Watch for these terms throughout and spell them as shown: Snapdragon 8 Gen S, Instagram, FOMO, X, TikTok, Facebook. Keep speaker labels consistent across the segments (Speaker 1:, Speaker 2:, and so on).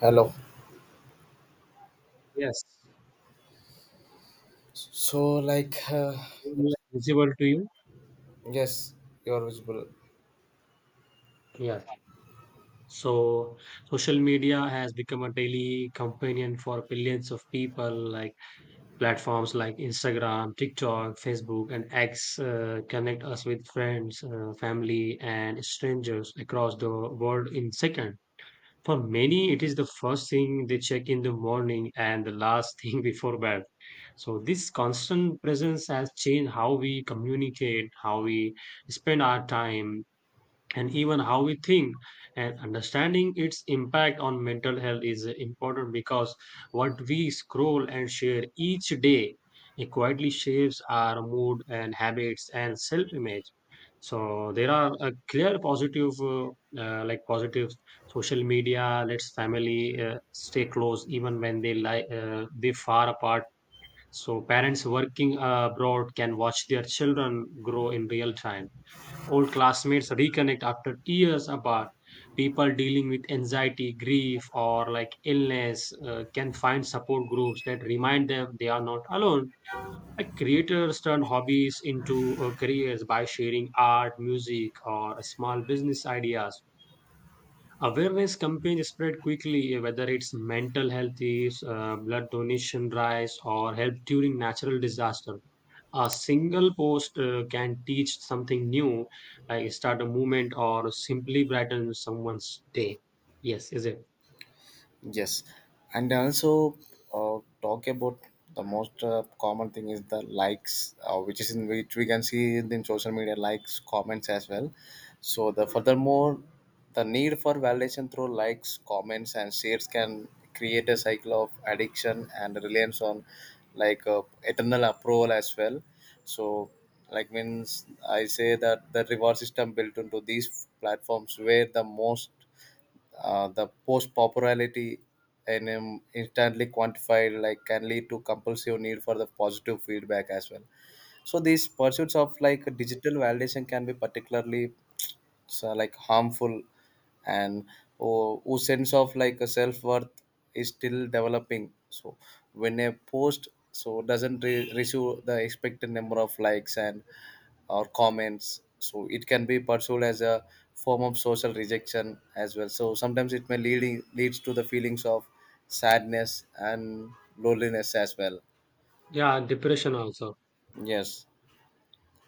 Speaker 1: Hello.
Speaker 2: Yes,
Speaker 1: So, like, yes,
Speaker 2: visible to you.
Speaker 1: yes, you're visible.
Speaker 2: Yeah. So social media has become a daily companion for billions of people. Like platforms like Instagram, TikTok, Facebook, and X connect us with friends, family, and strangers across the world in second. For many, it is the first thing they check in the morning and the last thing before bed. So this constant presence has changed how we communicate, how we spend our time, and even how we think, and understanding its impact on mental health is important because what we scroll and share each day, it quietly shapes our mood and habits and self image. So there are a clear positive positive, social media lets family stay close even when they lie they far apart. So parents working abroad can watch their children grow in real time. Old classmates reconnect after years apart. People dealing with anxiety, grief, or like illness can find support groups that remind them they are not alone. Like creators turn hobbies into careers by sharing art, music, or small business ideas. Awareness campaigns spread quickly, whether it's mental health is, blood donation drives, or help during natural disaster, a single post can teach something new, start a movement, or simply brighten someone's day. Yes, is it?
Speaker 1: Yes, and also talk about the most common thing is the likes, which is in which we can see in social media likes, comments as well. So the furthermore, the need for validation through likes, comments, and shares can create a cycle of addiction and reliance on like eternal approval as well. So like means I say that the reward system built into these platforms where the post popularity and instantly quantified like can lead to compulsive need for the positive feedback as well. So these pursuits of like digital validation can be particularly so like harmful, and or whose sense of like a self-worth is still developing. So when a post so doesn't receive the expected number of likes and or comments, so it can be pursued as a form of social rejection as well. So sometimes it may leading leads to the feelings of sadness and loneliness as well.
Speaker 2: Yeah, depression also.
Speaker 1: Yes,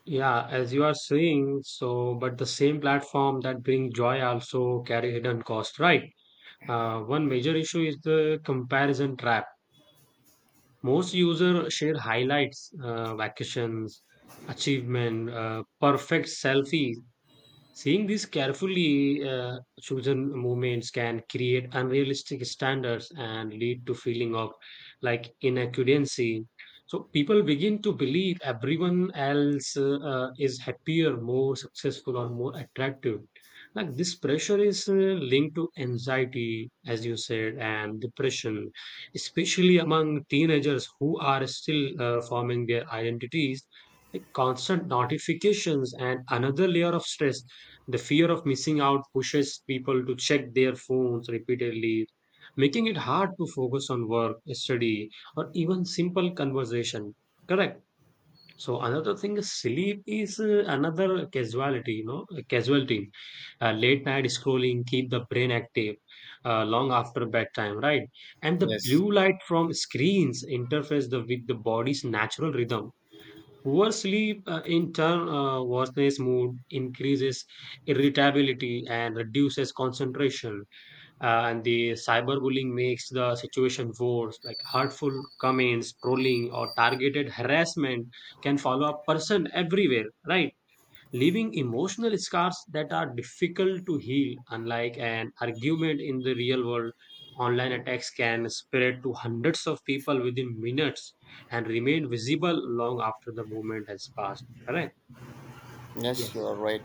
Speaker 2: Yeah, as you are saying, so but the same platform that bring joy also carry hidden cost, right? One major issue is the comparison trap. Most users share highlights, vacations, achievement, perfect selfies. Seeing these carefully chosen movements can create unrealistic standards and lead to feeling of like inadequacy. So people begin to believe everyone else is happier, more successful, or more attractive. Like this pressure is linked to anxiety, as you said, and depression, especially among teenagers who are still forming their identities. Like constant notifications and another layer of stress, the fear of missing out pushes people to check their phones repeatedly, making it hard to focus on work, study, or even simple conversation. Correct. So another thing is sleep is another casualty, you know, a casualty. Late night scrolling keep the brain active long after bedtime, right? And the
Speaker 1: yes,
Speaker 2: blue light from screens interferes with the body's natural rhythm. Poor sleep, in turn, worsens mood, increases irritability, and reduces concentration. And the cyberbullying makes the situation worse. Like hurtful comments, trolling, or targeted harassment can follow a person everywhere, right? Leaving emotional scars that are difficult to heal. Unlike an argument in the real world, online attacks can spread to hundreds of people within minutes and remain visible long after the moment has passed. Correct?
Speaker 1: yes, you
Speaker 2: Yes.
Speaker 1: are right.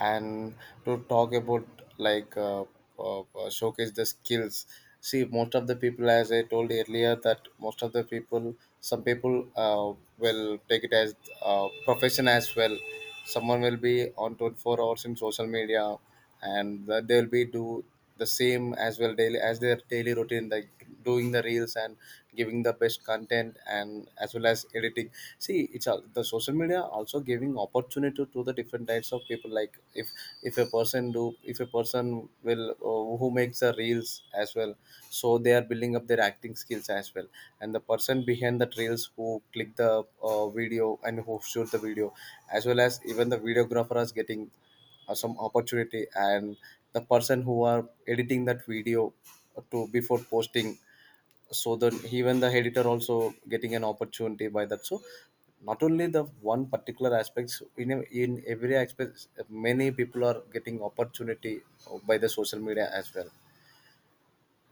Speaker 1: And to talk about like showcase the skills. See, most of the people, as I told earlier, that most of the people, some people will take it as profession as well. Someone will be on 24 hours in social media, and that they'll be do the same as well daily as their daily routine, like doing the reels and giving the best content, and as well as editing. See, it's all the social media also giving opportunity to the different types of people, like if a person do, if a person will, who makes the reels as well. So they are building up their acting skills as well. And the person behind the reels who click the video and who shoot the video, as well as even the videographer is getting some opportunity. And the person who are editing that video to before posting, so that even the editor also getting an opportunity by that. So not only the one particular aspects in, in every aspect, many people are getting opportunity by the social media as well.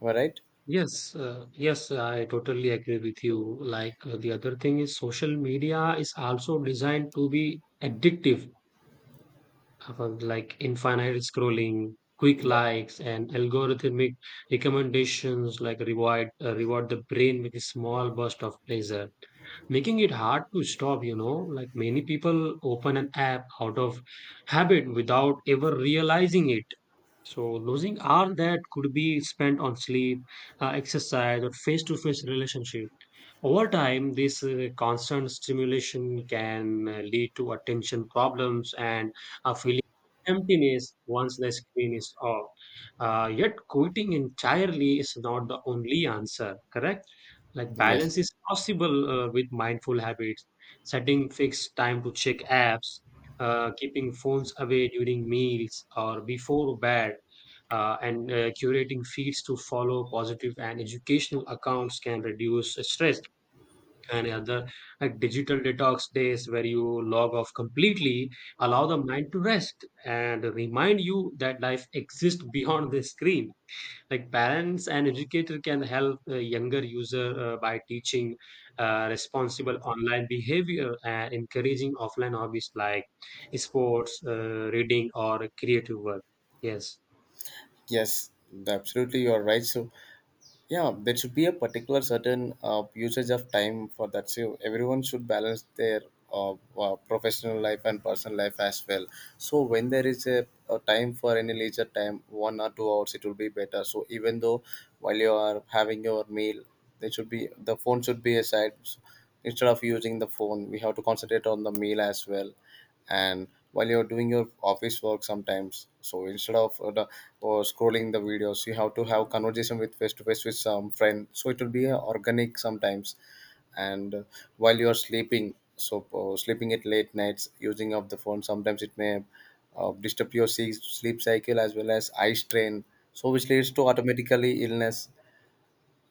Speaker 1: Am I right?
Speaker 2: Yes, yes, I totally agree with you. Like the other thing is, social media is also designed to be addictive. Like infinite scrolling, quick
Speaker 1: Yeah.
Speaker 2: likes, and algorithmic recommendations like reward the brain with a small burst of pleasure, making it hard to stop. You know, like many people open an app out of habit without ever realizing it. So losing hours that could be spent on sleep, exercise, or face-to-face relationship. Over time, this constant stimulation can lead to attention problems and a feeling of emptiness once the screen is off. Yet, quitting entirely is not the only answer, correct? Like,
Speaker 1: Yes,
Speaker 2: balance is possible with mindful habits, setting fixed time to check apps, keeping phones away during meals or before bed. And Curating feeds to follow positive and educational accounts can reduce stress and other, like digital detox days where you log off completely allow the mind to rest and remind you that life exists beyond the screen. Like parents and educator can help a younger user by teaching responsible online behavior and encouraging offline hobbies like sports, reading or creative work. Yes.
Speaker 1: yes, absolutely, you are right. So, yeah, there should be a particular certain usage of time for that, so everyone should balance their professional life and personal life as well. So when there is a time for any leisure time, 1 or 2 hours, it will be better. So even though while you are having your meal, it should be the phone should be aside, instead of using the phone. We have to concentrate on the meal as well, and while you're doing your office work sometimes. So instead of the, or scrolling the videos, you have to have conversation with face to face with some friend. So it will be organic sometimes, and while you are sleeping, so sleeping at late nights, using of the phone sometimes it may disturb your sleep cycle as well as eye strain, so which leads to automatically illness.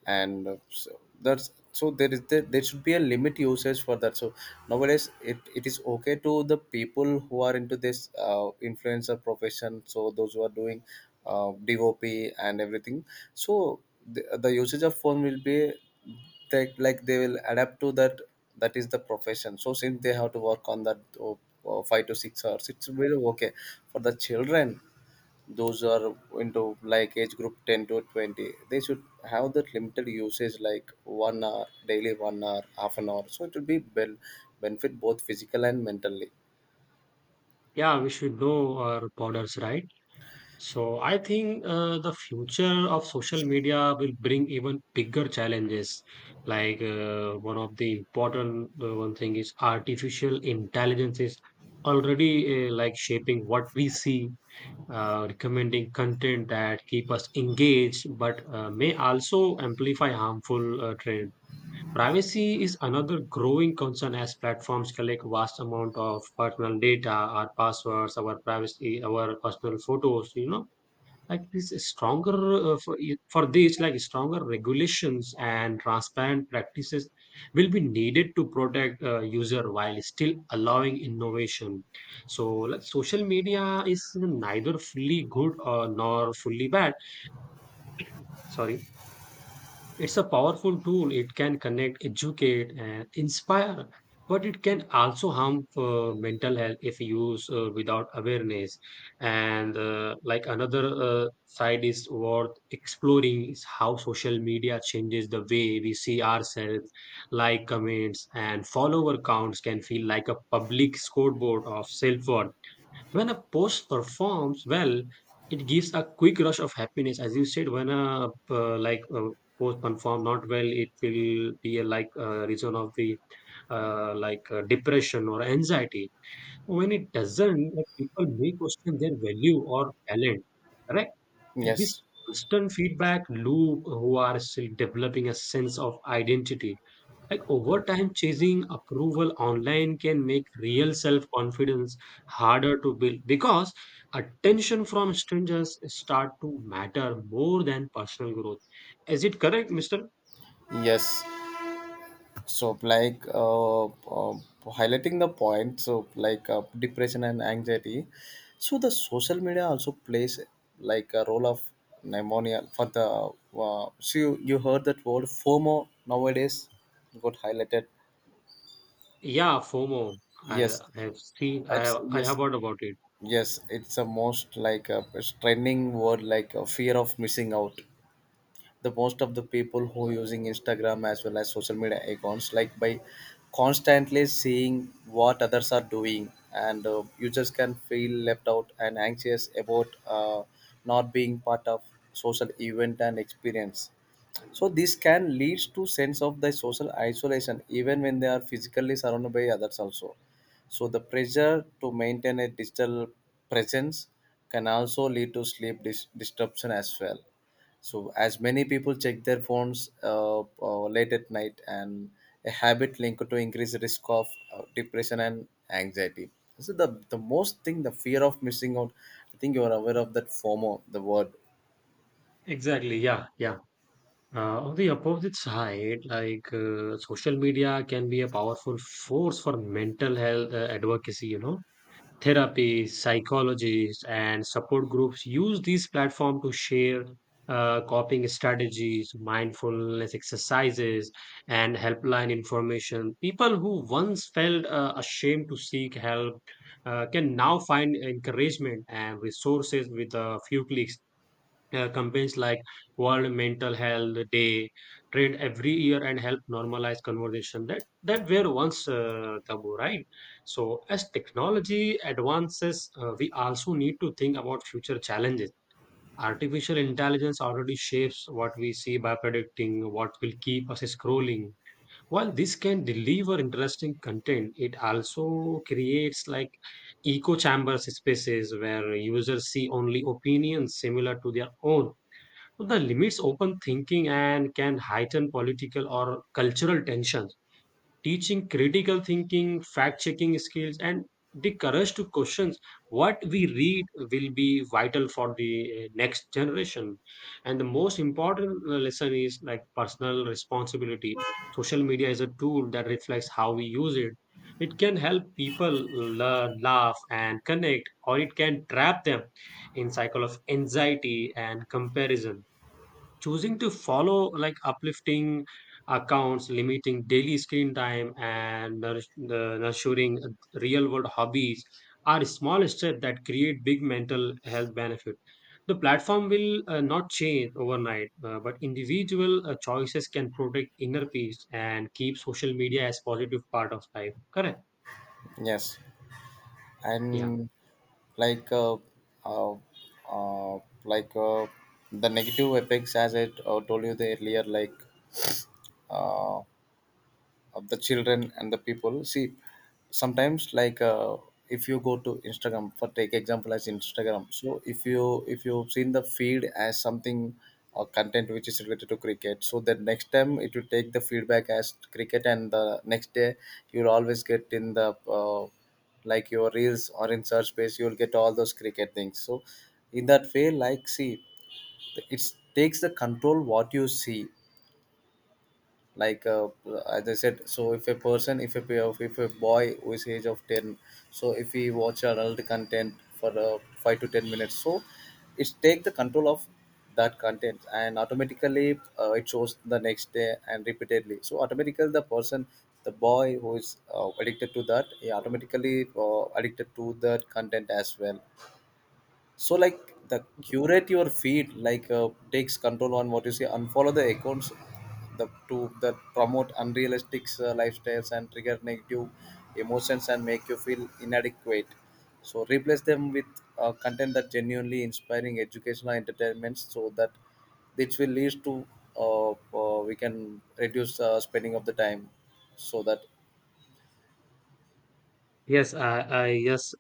Speaker 1: And so that's, so there should be a limit usage for that. So nowadays it is okay to the people who are into this influencer profession. So those who are doing dop and everything, so the usage of phone will be, like they will adapt to that, that is the profession. So since they have to work on that, oh, 5 to 6 hours, it's really okay. For the children, those are into like age group 10 to 20, they should have that limited usage like 1 hour daily, 1 hour half an hour, so it will be benefit both physical and mentally.
Speaker 2: Yeah, we should know our borders, right? So I think the future of social media will bring even bigger challenges. Like one of the important one thing is, artificial intelligence is already like shaping what we see, recommending content that keep us engaged, but may also amplify harmful trend. Privacy is another growing concern as platforms collect vast amount of personal data, our passwords, our privacy, our personal photos, you know. Like this stronger for this like stronger regulations and transparent practices will be needed to protect user while still allowing innovation. So like, social media is neither fully good or nor fully bad. Sorry, it's a powerful tool. It can connect, educate, and inspire, but it can also harm mental health if used without awareness. And like another side is worth exploring is how social media changes the way we see ourselves. Like comments and follower counts can feel like a public scoreboard of self worth. When a post performs well, it gives a quick rush of happiness. As you said, when a post perform not well, it will be a, like a reason of the depression or anxiety. When it doesn't, like, people may question their value or talent. Correct. And this
Speaker 1: Yes,
Speaker 2: constant feedback loop, who are still developing a sense of identity, like over time, chasing approval online can make real self confidence harder to build because attention from strangers start to matter more than personal growth. Is it correct, Mister?
Speaker 1: yes, so like highlighting the point, so like depression and anxiety, so the social media also plays like a role of pneumonia for the so you heard that word fomo nowadays got highlighted.
Speaker 2: Yeah, FOMO.
Speaker 1: Yes.
Speaker 2: I have seen. I have, I
Speaker 1: Yes,
Speaker 2: have heard about it.
Speaker 1: yes, it's a most like a trending word, like a fear of missing out. The most of the people who using Instagram as well as social media accounts, like by constantly seeing what others are doing, and you just can feel left out and anxious about not being part of social event and experience. So this can lead to sense of the social isolation even when they are physically surrounded by others also. So the pressure to maintain a digital presence can also lead to sleep disruption as well. So as many people check their phones late at night, and a habit linked to increased risk of depression and anxiety. So the most thing, the fear of missing out, I think you are aware of that FOMO, the word.
Speaker 2: Exactly. Yeah. Yeah. On the opposite side, like social media can be a powerful force for mental health advocacy. You know, therapy, psychologists, and support groups use these platforms to share coping strategies, mindfulness exercises, and helpline information. People who once felt ashamed to seek help can now find encouragement and resources with a few clicks. Campaigns like World Mental Health Day trend every year and help normalize conversation that were once taboo, right? So as technology advances, we also need to think about future challenges. Artificial intelligence already shapes what we see by predicting what will keep us scrolling. While this can deliver interesting content, it also creates like echo chambers, spaces where users see only opinions similar to their own. So, the limits open thinking and can heighten political or cultural tensions. Teaching critical thinking, fact checking skills, and the courage to question what we read will be vital for the next generation. And the most important lesson is like personal responsibility. Social media is a tool that reflects how we use it. It can help people learn, laugh, and connect, or it can trap them in cycle of anxiety and comparison. Choosing to follow like uplifting accounts, limiting daily screen time, and nourish, the nurturing real world hobbies are small steps that create big mental health benefit. The platform will not change overnight, but individual choices can protect inner peace and keep social media as positive part of life, correct?
Speaker 1: Yes.
Speaker 2: Yeah.
Speaker 1: And like uh, uh, uh, like the negative effects, as I told you the earlier, like uh, of the children and the people. See, sometimes like if you go to Instagram, for take example as Instagram. So if you've seen the feed as something or content which is related to cricket, so that next time it will take the feedback as cricket. And the next day you'll always get in the like your reels or in search space, you'll get all those cricket things. So in that way, like, see, it takes the control what you see, like as I said, so if a boy who is age of 10, so if he watch adult content for 5 to 10 minutes, so it's take the control of that content. And automatically it shows the next day and repeatedly, so automatically the boy who is addicted to that, he automatically addicted to that content as well. So like the curate your feed, like takes control on what you see. Unfollow the accounts, the to that promote unrealistic lifestyles and trigger negative emotions and make you feel inadequate. So replace them with content that genuinely inspiring educational entertainments, so that which will lead to we can reduce spending of the time, so that.
Speaker 2: Yes, I yes.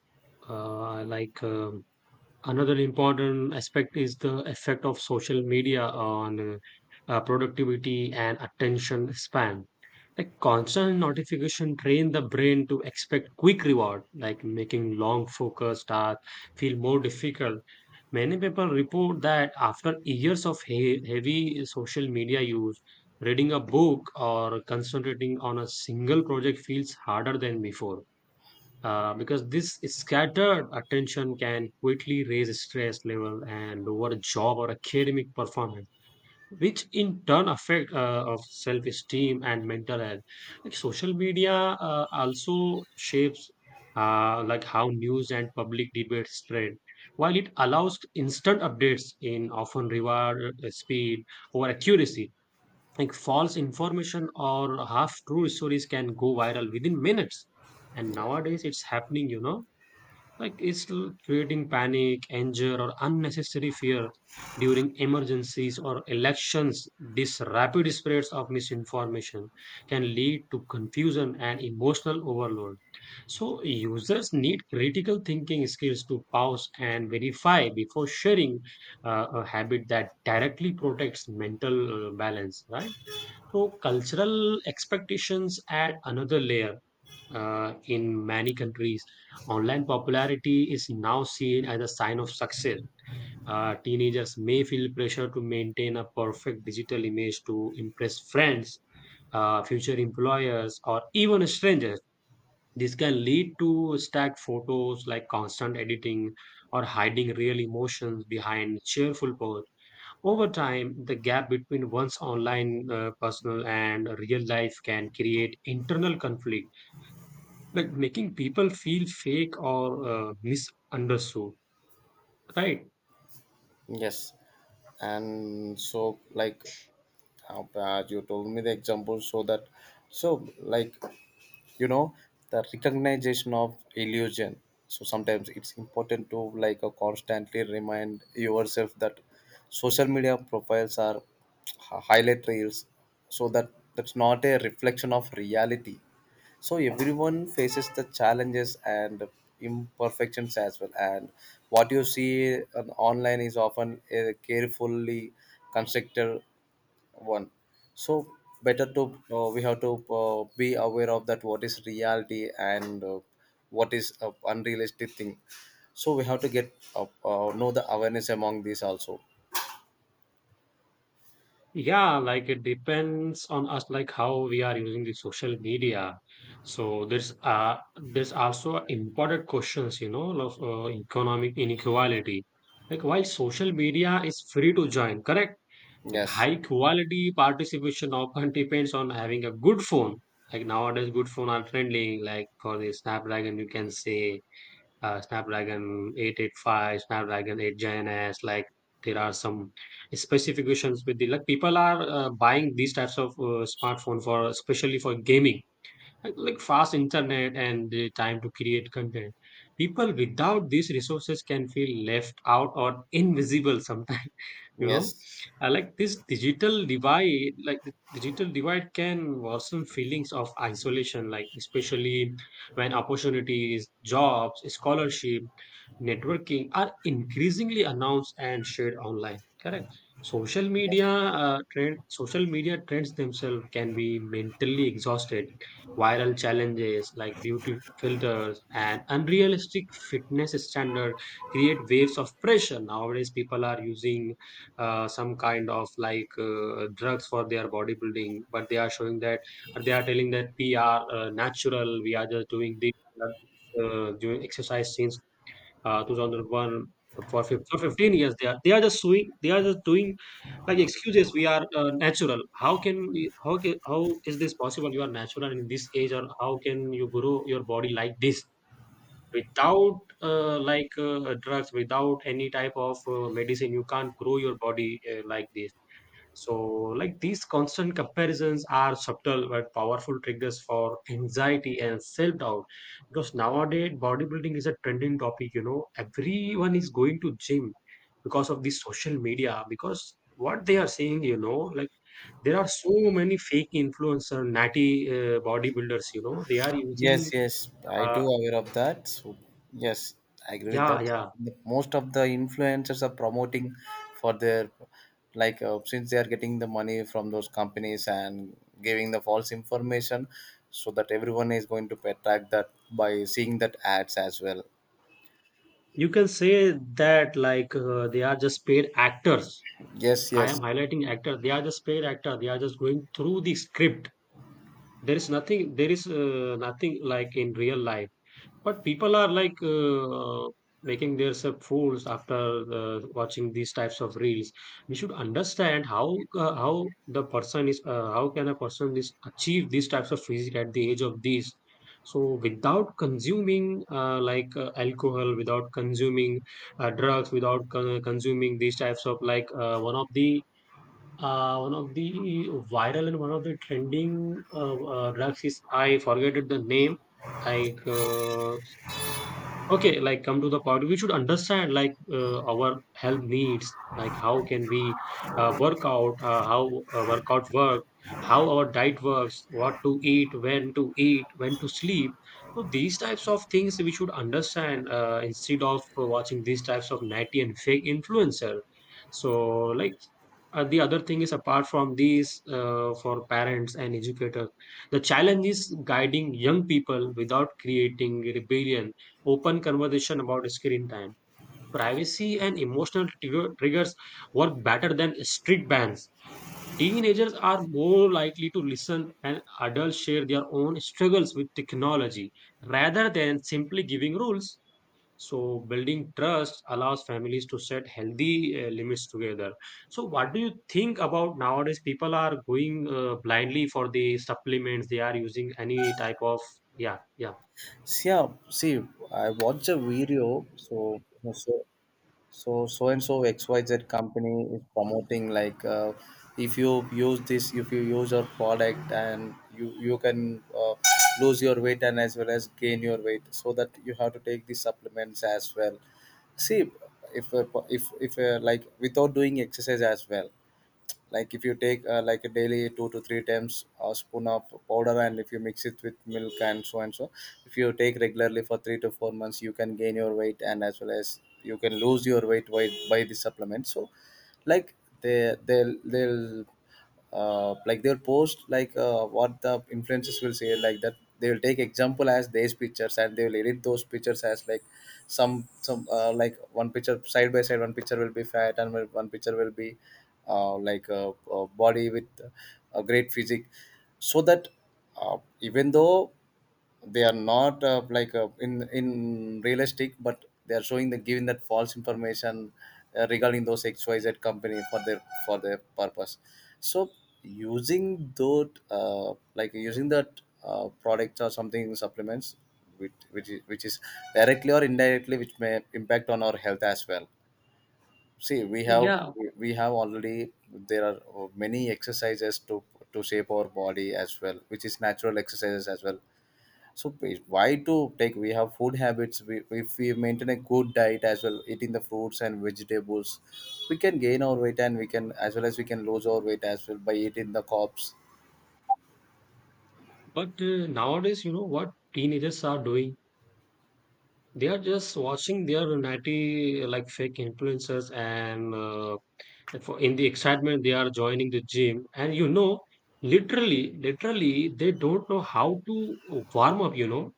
Speaker 2: uh, like um, Another important aspect is the effect of social media on productivity and attention span. Like constant notification train the brain to expect quick reward, like making long focused tasks feel more difficult. Many people report that after years of heavy social media use, reading a book or concentrating on a single project feels harder than before because this scattered attention can quickly raise stress level and lower job or academic performance, which in turn affect of self-esteem and mental health. Like social media also shapes like how news and public debate spread while it allows instant updates in often reward speed or accuracy. Like false information or half true stories can go viral within minutes, and nowadays it's happening, you know. Like creating panic, anger or unnecessary fear during emergencies or elections. This rapid spreads of misinformation can lead to confusion and emotional overload, so users need critical thinking skills to pause and verify before sharing, a habit that directly protects mental balance, right? So, cultural expectations add another layer. In many countries, online popularity is now seen as a sign of success. Teenagers may feel pressure to maintain a perfect digital image to impress friends, future employers, or even strangers. This can lead to stacked photos, like constant editing or hiding real emotions behind cheerful posts. Over time, the gap between one's online personal and real life can create internal conflict, like making people feel fake or misunderstood. Right?
Speaker 1: Yes, and so like, how bad you told me the example, so that, so like, you know the recognition of illusion. So sometimes it's important to like constantly remind yourself that social media profiles are highlight reels, so that that's not a reflection of reality. So everyone faces the challenges and imperfections as well. And what you see online is often a carefully constructed one. So better to we have to be aware of that what is reality and what is unrealistic thing. So we have to get know the awareness among these also.
Speaker 2: Yeah, like it depends on us, like how we are using the social media. So there's also important questions, you know, of economic inequality. Like while social media is free to join, correct? Like
Speaker 1: Yes,
Speaker 2: high quality participation often depends on having a good phone. Like nowadays, good phone are friendly. Like for the Snapdragon, you can say Snapdragon 885, Snapdragon 8 Gen S. Like there are some specifications with the like people are buying these types of smartphone for especially for gaming like fast internet and the time to create content. People without these resources can feel left out or invisible sometimes you know.
Speaker 1: yes,
Speaker 2: Like this digital divide, like the digital divide can worsen feelings of isolation, like especially when opportunities, jobs, scholarship, networking are increasingly announced and shared online, correct? social media
Speaker 1: yes.
Speaker 2: Social media trends themselves can be mentally exhausted. Viral challenges like beauty filters and unrealistic fitness standard create waves of pressure. Nowadays people are using some kind of like drugs for their bodybuilding, but they are showing that, or they are telling that we are natural, we are just doing this, we are, doing exercise since 2001. For for 15 years, they are just doing, they are just doing, like excuses, we are natural. How can we, how is this possible? You are natural in this age? Or how can you grow your body like this without drugs, without any type of medicine? You can't grow your body like this. So, like these constant comparisons are subtle but powerful triggers for anxiety and self doubt. Because nowadays, bodybuilding is a trending topic. You know, everyone is going to gym because of the social media. Because what they are saying, you know, like there are so many fake influencer, natty bodybuilders. You know, they are
Speaker 1: Yes,
Speaker 2: using,
Speaker 1: yes, I do
Speaker 2: uh,
Speaker 1: aware of that. So yes, I agree with
Speaker 2: yeah,
Speaker 1: that.
Speaker 2: yeah.
Speaker 1: Most of the influencers are promoting for their like since they are getting the money from those companies and giving the false information, so that everyone is going to attract that by seeing that ads as well.
Speaker 2: You can say that like they are just paid actors.
Speaker 1: Yes,
Speaker 2: I am
Speaker 1: yes.
Speaker 2: highlighting actor. They are just paid actor. They are just going through the script. There is nothing. There is nothing like in real life. But people are like making themselves fools after watching these types of reels. We should understand how how the person is. How can a person is achieve these types of physique at the age of these? So without consuming alcohol, without consuming drugs, without consuming these types of like one of the viral and one of the trending drugs is, I forget the name. Like okay, like come to the point, we should understand like our health needs, like how can we work out, how workout work, how our diet works, what to eat, when to eat, when to sleep. So these types of things we should understand instead of watching these types of natty and fake influencer. So like the other thing is, apart from these for parents and educators, the challenge is guiding young people without creating rebellion. Open conversation about screen time, privacy and triggers work better than strict bans. Teenagers are more likely to listen and adults share their own struggles with technology rather than simply giving rules. So, building trust allows families to set healthy limits together. So, what do you think about nowadays? People are going blindly for the supplements, they are using any type of, yeah, yeah.
Speaker 1: See, yeah, see, I watched a video. So so so and so xyz company is promoting, like if you use this, if you use your product, and you can lose your weight and as well as gain your weight, so that you have to take these supplements as well. See, if like without doing exercise as well, like if you take like a daily 2 to 3 times a spoon of powder, and if you mix it with milk and so and so, if you take regularly for 3 to 4 months, you can gain your weight and as well as you can lose your weight by the supplement. So like they'll like they'll post, like what the influencers will say, like that they will take example as these pictures, and they will edit those pictures as like, some like one picture side by side, one picture will be fat, and one picture will be like a body with a great physique, so that, even though they are not like in realistic, but they are showing the giving that false information, regarding those XYZ company for their purpose. So using those like using that product or something supplements, which is directly or indirectly, which may impact on our health as well. See,
Speaker 2: Yeah,
Speaker 1: we have already, there are many exercises to shape our body as well, which is natural exercises as well. So please, why to take? We have food habits. If we maintain a good diet as well, eating the fruits and vegetables, we can gain our weight, and we can as well as we can lose our weight as well by eating the carbs.
Speaker 2: but nowadays, you know what teenagers are doing? They are just watching their natty like fake influencers, and in the excitement, they are joining the gym. And you know, literally, literally, they don't know how to warm up. You know,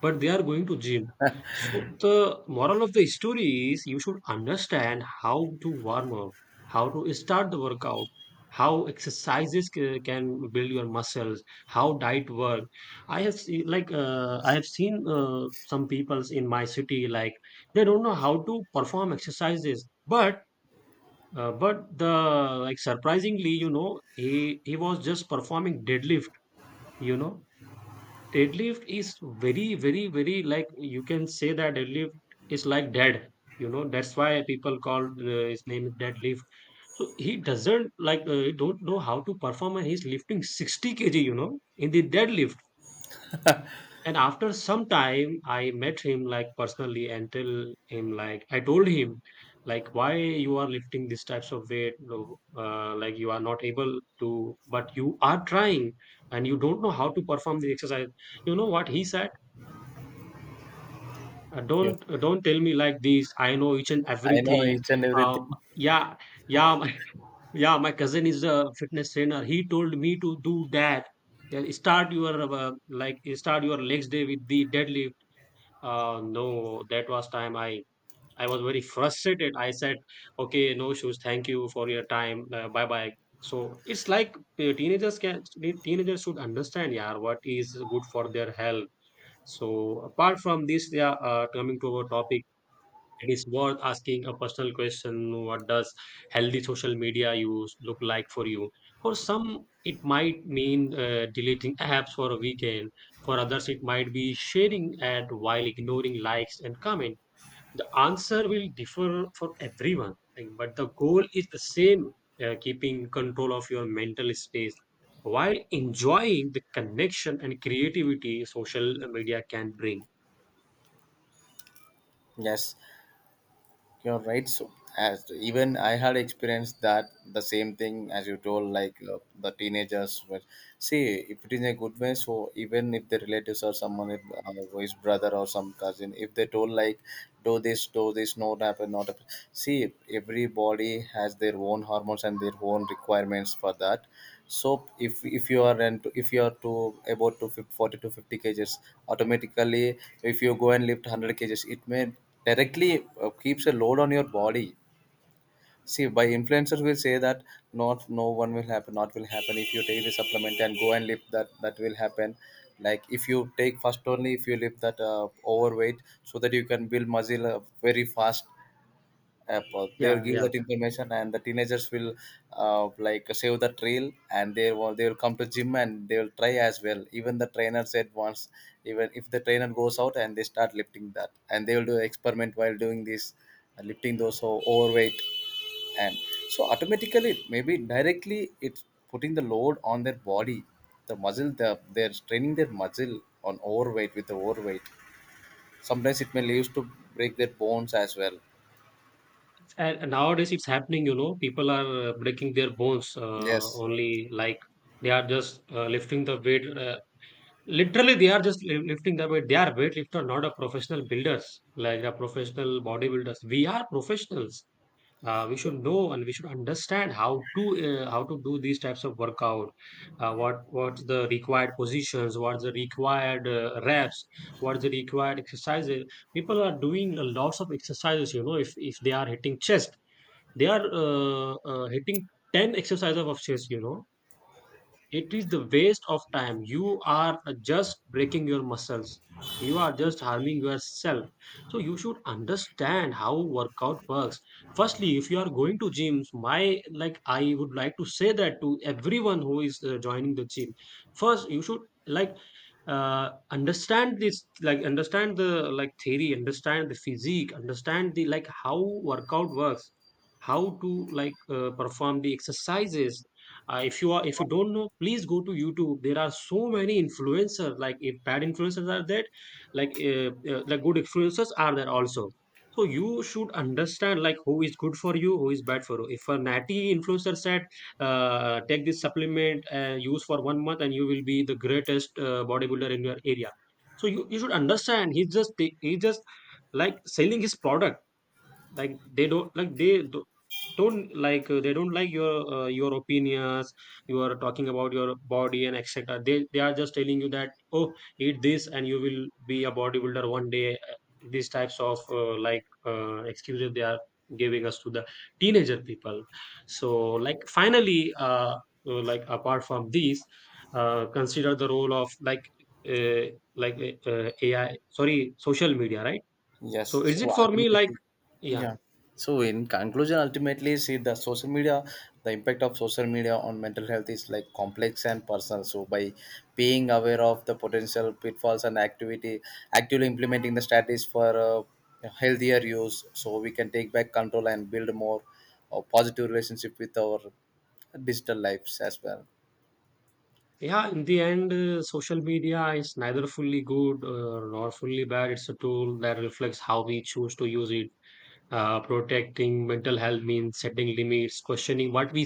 Speaker 2: but they are going to gym. So the moral of the story is you should understand how to warm up, how to start the workout, how exercises can build your muscles, how diet work. I have seen like I have seen some peoples in my city like they don't know how to perform exercises, but the like surprisingly, you know, he was just performing deadlift, you know. Deadlift is very, very, very, like you can say that deadlift is like dead. You know, that's why people call his name is deadlift. So he doesn't like he don't know how to perform, and he's lifting 60 kg. You know, in the deadlift. And after some time, I met him like personally and tell him, like I told him, like why you are lifting these types of weight, no, like you are not able to, but you are trying and you don't know how to perform the exercise. You know what he said? Uh,
Speaker 1: Yeah.
Speaker 2: don't uh, don't tell me like this. I know each and
Speaker 1: I know
Speaker 2: everything.
Speaker 1: each and everything.
Speaker 2: Yeah, yeah, my, yeah. My cousin is a fitness trainer. He told me to do that. Yeah, start your start your legs day with the deadlift. No, that was time I was very frustrated. I said, okay, no shoes. Thank you for your time. Bye bye. So it's like teenagers should understand, yeah, what is good for their health. So apart from this, yeah, coming to our topic, it is worth asking a personal question: what does healthy social media use look like for you? For some, it might mean deleting apps for a weekend. For others, it might be sharing ad while ignoring likes and comment. The answer will differ for everyone, like, but the goal is the same, keeping control of your mental space, while enjoying the connection and creativity social media can bring.
Speaker 1: Yes, you're right. So, as even I had experienced that the same thing as you told, like the teenagers were. See, if it is a good way, so even if the relatives or someone, if, who is brother or some cousin, if they told like, do this, not happen, not happen. See, everybody has their own hormones and their own requirements for that. So if you are into if you are to about to 40 to 50 kgs, automatically if you go and lift 100 kgs, it may directly keeps a load on your body. See, by influencers will say that not no one will happen, not will happen, if you take the supplement and go and lift that, that will happen. Like if you take first, only if you lift that overweight, so that you can build muscle very fast. Apple. They'll
Speaker 2: Yeah,
Speaker 1: give
Speaker 2: yeah.
Speaker 1: that information, and the teenagers will like save the trail, and they will come to gym, and they will try as well. Even the trainer said once, even if the trainer goes out and they start lifting that, and they will do experiment while doing this, lifting those overweight, and so automatically maybe directly it's putting the load on their body, the muscle, they're straining their muscle on overweight with the overweight. Sometimes it may leads to break their bones as well.
Speaker 2: And nowadays it's happening, you know, people are breaking their bones
Speaker 1: Yes.
Speaker 2: only like they are just lifting the weight. Literally, they are just lifting the weight. They are weightlifter, not a professional builders, like a professional bodybuilders. We are professionals. We should know and we should understand how to do these types of workout. What's the required positions? What's the required reps? What's the required exercises? People are doing a lots of exercises. You know, if they are hitting chest, they are hitting 10 exercises of chess, you know, it is the waste of time. You are just breaking your muscles, you are just harming yourself. So you should understand how workout works. Firstly, if you are going to gyms, my, like I would like to say that to everyone who is joining the gym, first you should like understand this, like understand the like theory, understand the physique, understand the like how workout works, how to like perform the exercises. Uh, if you are, if you don't know, please go to YouTube. There are so many influencers, like if bad influencers are there, like the good influencers are there also. So you should understand like who is good for you, who is bad for you. If a natty influencer said, take this supplement, use for one month and you will be the greatest bodybuilder in your area, so you should understand he's just like selling his product. Like they don't like, don't like they don't like your opinions. You are talking about your body and etc. They are just telling you that, oh, eat this and you will be a bodybuilder one day. These types of excuses they are giving us to the teenager people. So like finally, uh, like apart from these consider the role of like uh, AI, sorry, social media, right?
Speaker 1: Yes.
Speaker 2: So
Speaker 1: So
Speaker 2: is it for me, like
Speaker 1: ultimately,
Speaker 2: yeah.
Speaker 1: yeah. So in conclusion, ultimately, see the social media, the impact of social media on mental health is like complex and personal. So by being aware of the potential pitfalls and actively implementing the strategies for healthier use, so we can take back control and build more positive relationship with our digital lives as well.
Speaker 2: Yeah, in the end, social media is neither fully good nor fully bad. It's a tool that reflects how we choose to use it. Protecting mental health means setting limits, questioning what we